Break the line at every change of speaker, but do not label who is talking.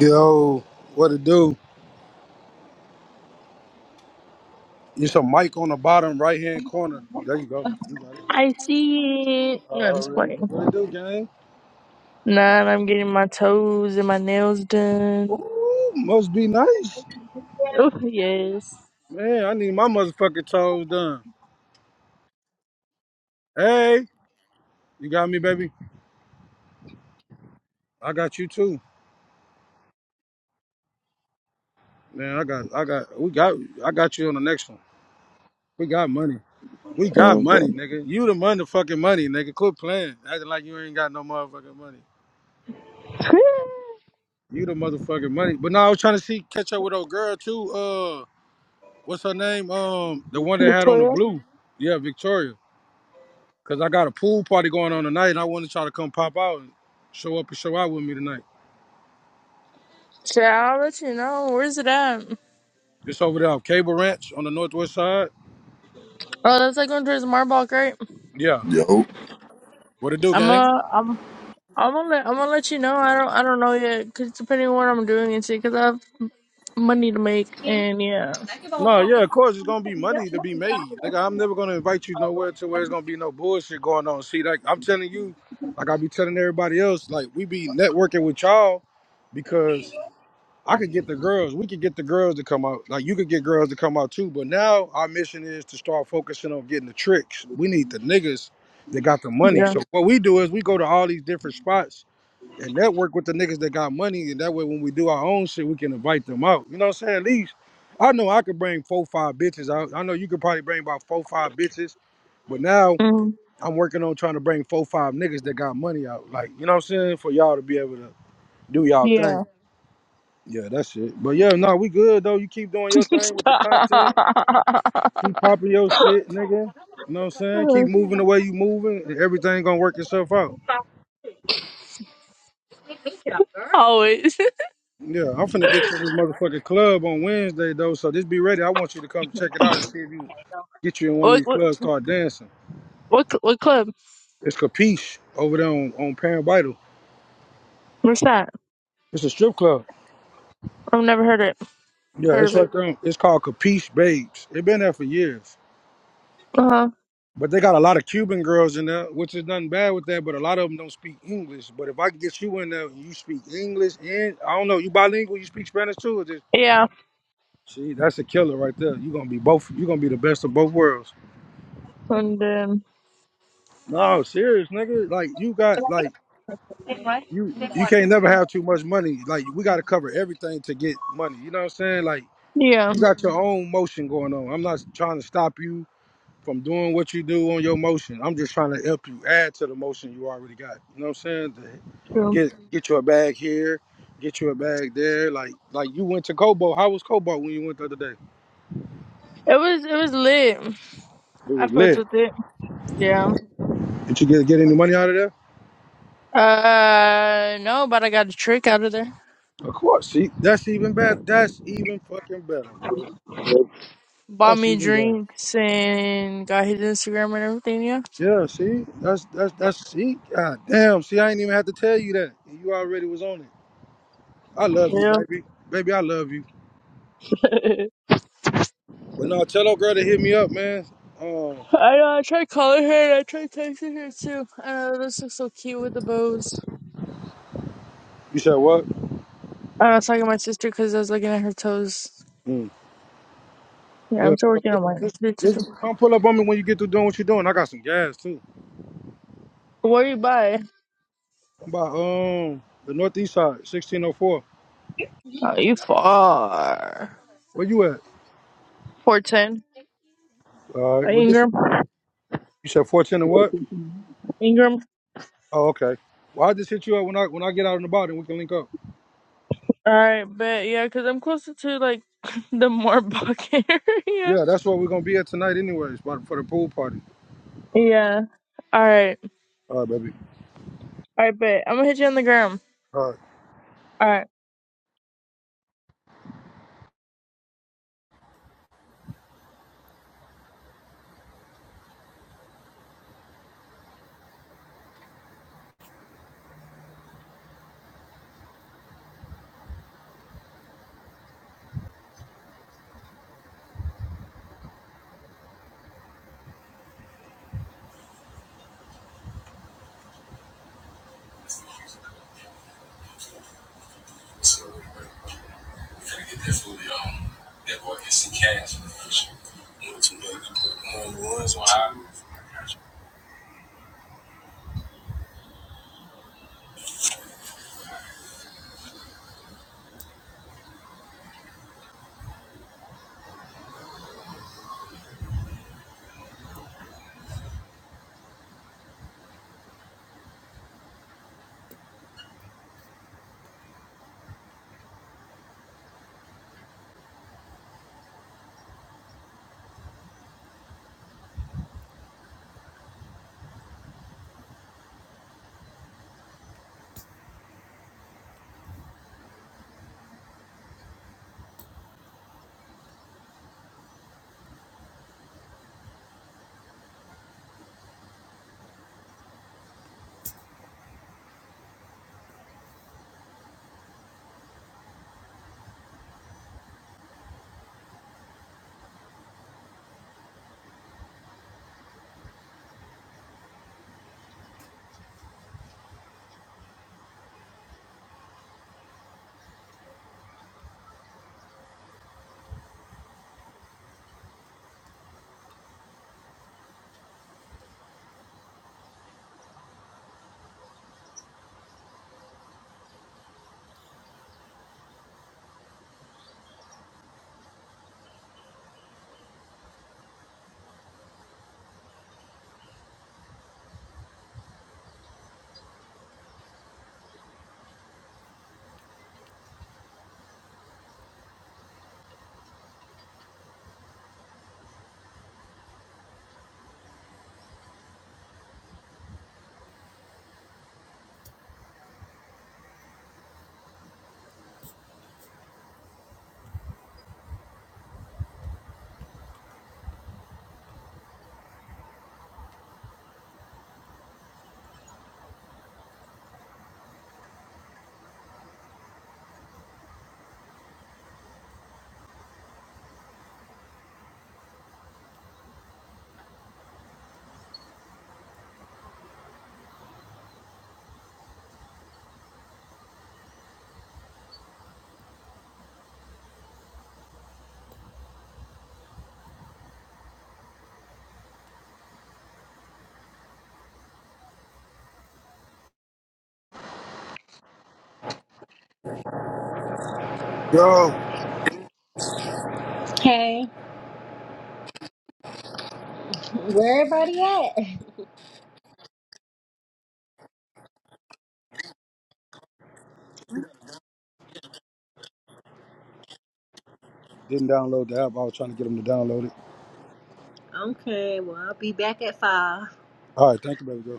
Yo, what it do? It's a mic on the bottom right hand corner. There you go. You got it.
I see it. No, I'm just
Already.
playing.
What it do, gang?
Nah, I'm getting my toes and my nails done.
Ooh, must be nice.
Oh, yes.
Man, I need my motherfucking toes done. Hey, you got me, baby? I got you too. Man, I got I got we got I got you on the next one. We got money. We got
Oh,
money,
good.
nigga. You the motherfucking money, nigga. Quit playing. Acting like you ain't got no motherfucking money. You the motherfucking money. But now I was trying to see catch up with old girl too. Uh, what's her name? Um, the one that had on the
Victoria?
blue. Yeah, Victoria. Cause I got a pool party going on tonight, and I want to try to come pop out and show up and show out with me tonight.
Sure, I'll let you know. Where's it at?
It's over there, off Cable Ranch on the northwest side.
Oh, that's like going towards Marbach, right?
Yeah.
Yo,
What it do,
I'm
gang?
uh, I'm, I'm gonna let, I'm gonna let you know. I don't, I don't know yet, cause depending on what I'm doing and shit, cause I have money to make and yeah,
No, yeah, of course it's gonna be money to be made. Nigga, I'm never gonna invite you nowhere to where it's gonna be no bullshit going on. See, like I'm telling you, like I be telling everybody else, like we be networking with y'all because I could get the girls. We could get the girls to come out. Like you could get girls to come out too. But now our mission is to start focusing on getting the tricks. We need the niggas that got the money.
yeah,
So what we do is we go to all these different spots and network with the niggas that got money. And that way, when we do our own shit, we can invite them out. You know what I'm saying? At least I know I could bring four, five bitches out. I know you could probably bring about four, five bitches. But now
mm,
I'm working on trying to bring four, five niggas that got money out. Like you know what I'm saying? For y'all to be able to do y'all thing.
yeah.
Yeah, that's it. But yeah, no, we good though. You keep doing your thing with the
Stop.
content. Keep popping your shit, nigga. You know what I'm saying? Keep moving the way you moving, and everything gonna work itself out.
Always.
Yeah, I'm finna get you to this motherfucking club on Wednesday though. So just be ready. I want you to come check it out and see if you get you in one of
What,
these
what,
clubs, start dancing.
what, cl- what club?
It's Capiche over there on, on Pan Vital.
What's that?
It's a strip club.
I've never heard it.
Yeah,
Heard
it's
of it.
right there. on- It's called Capiche Babes. It been there for years.
Uh huh.
But they got a lot of Cuban girls in there, which is nothing bad with that. But a lot of them don't speak English. But if I could get you in there, and you speak English and I don't know, you bilingual, you speak Spanish too. Or just
Yeah.
see, that's a killer right there. You are gonna be both. You are gonna be the best of both worlds.
And um
No, serious nigga. Like you got like you you can't never have too much money. Like we got to cover everything to get money. You know what I'm saying? Like
yeah,
you got your own motion going on. I'm not trying to stop you from doing what you do on your motion. I'm just trying to help you add to the motion you already got. You know what I'm saying? To
true.
Get get you a bag here, get you a bag there. Like like you went to Kobo. How was Kobo when you went the other day?
It was it was lit.
It
I
was
fucked
lit.
with it. Yeah.
Did you get get any money out of there?
Uh no, but I got a trick out of there.
Of course. See, that's even better. That's even fucking better, bro.
Bought
That's
me
even better.
drinks and got his Instagram and everything, yeah.
Yeah, see, that's that's that's see, god damn, see, I ain't even have to tell you that. You already was on it. I love you,
Yeah.
baby, baby, I love you. But no, tell old girl to hit me up, man. Um,
I know, I tried calling her and I tried texting her too. I know this looks so cute with the bows.
You said what?
I was talking to my sister because I was looking at her toes.
Mm.
Yeah,
Yeah.
I'm still
So
working
this,
on
this,
mine.
this, come pull up on me when you get through doing what you're doing. I got some gas too.
Where you by?
I'm by um the northeast side, 1604.
Oh, you far.
Where you at?
410.
All right.
By
Well, this
Ingram.
you said 410 and what?
Ingram.
Oh, okay. Well, I just hit you up when I when I get out on the body and we can link up.
Alright, bet. yeah, because I'm closer to like the Moorbuck area.
Yeah, that's where we're gonna be at tonight, anyways, for for the pool party.
Yeah. Alright.
All right, baby.
Alright, but I'm gonna hit you on the gram.
All right.
Alright.
Yo.
Hey, where everybody at?
Didn't download the app. I was trying to get him to download it.
Okay, well I'll be back at five.
All right. Thank you, baby girl.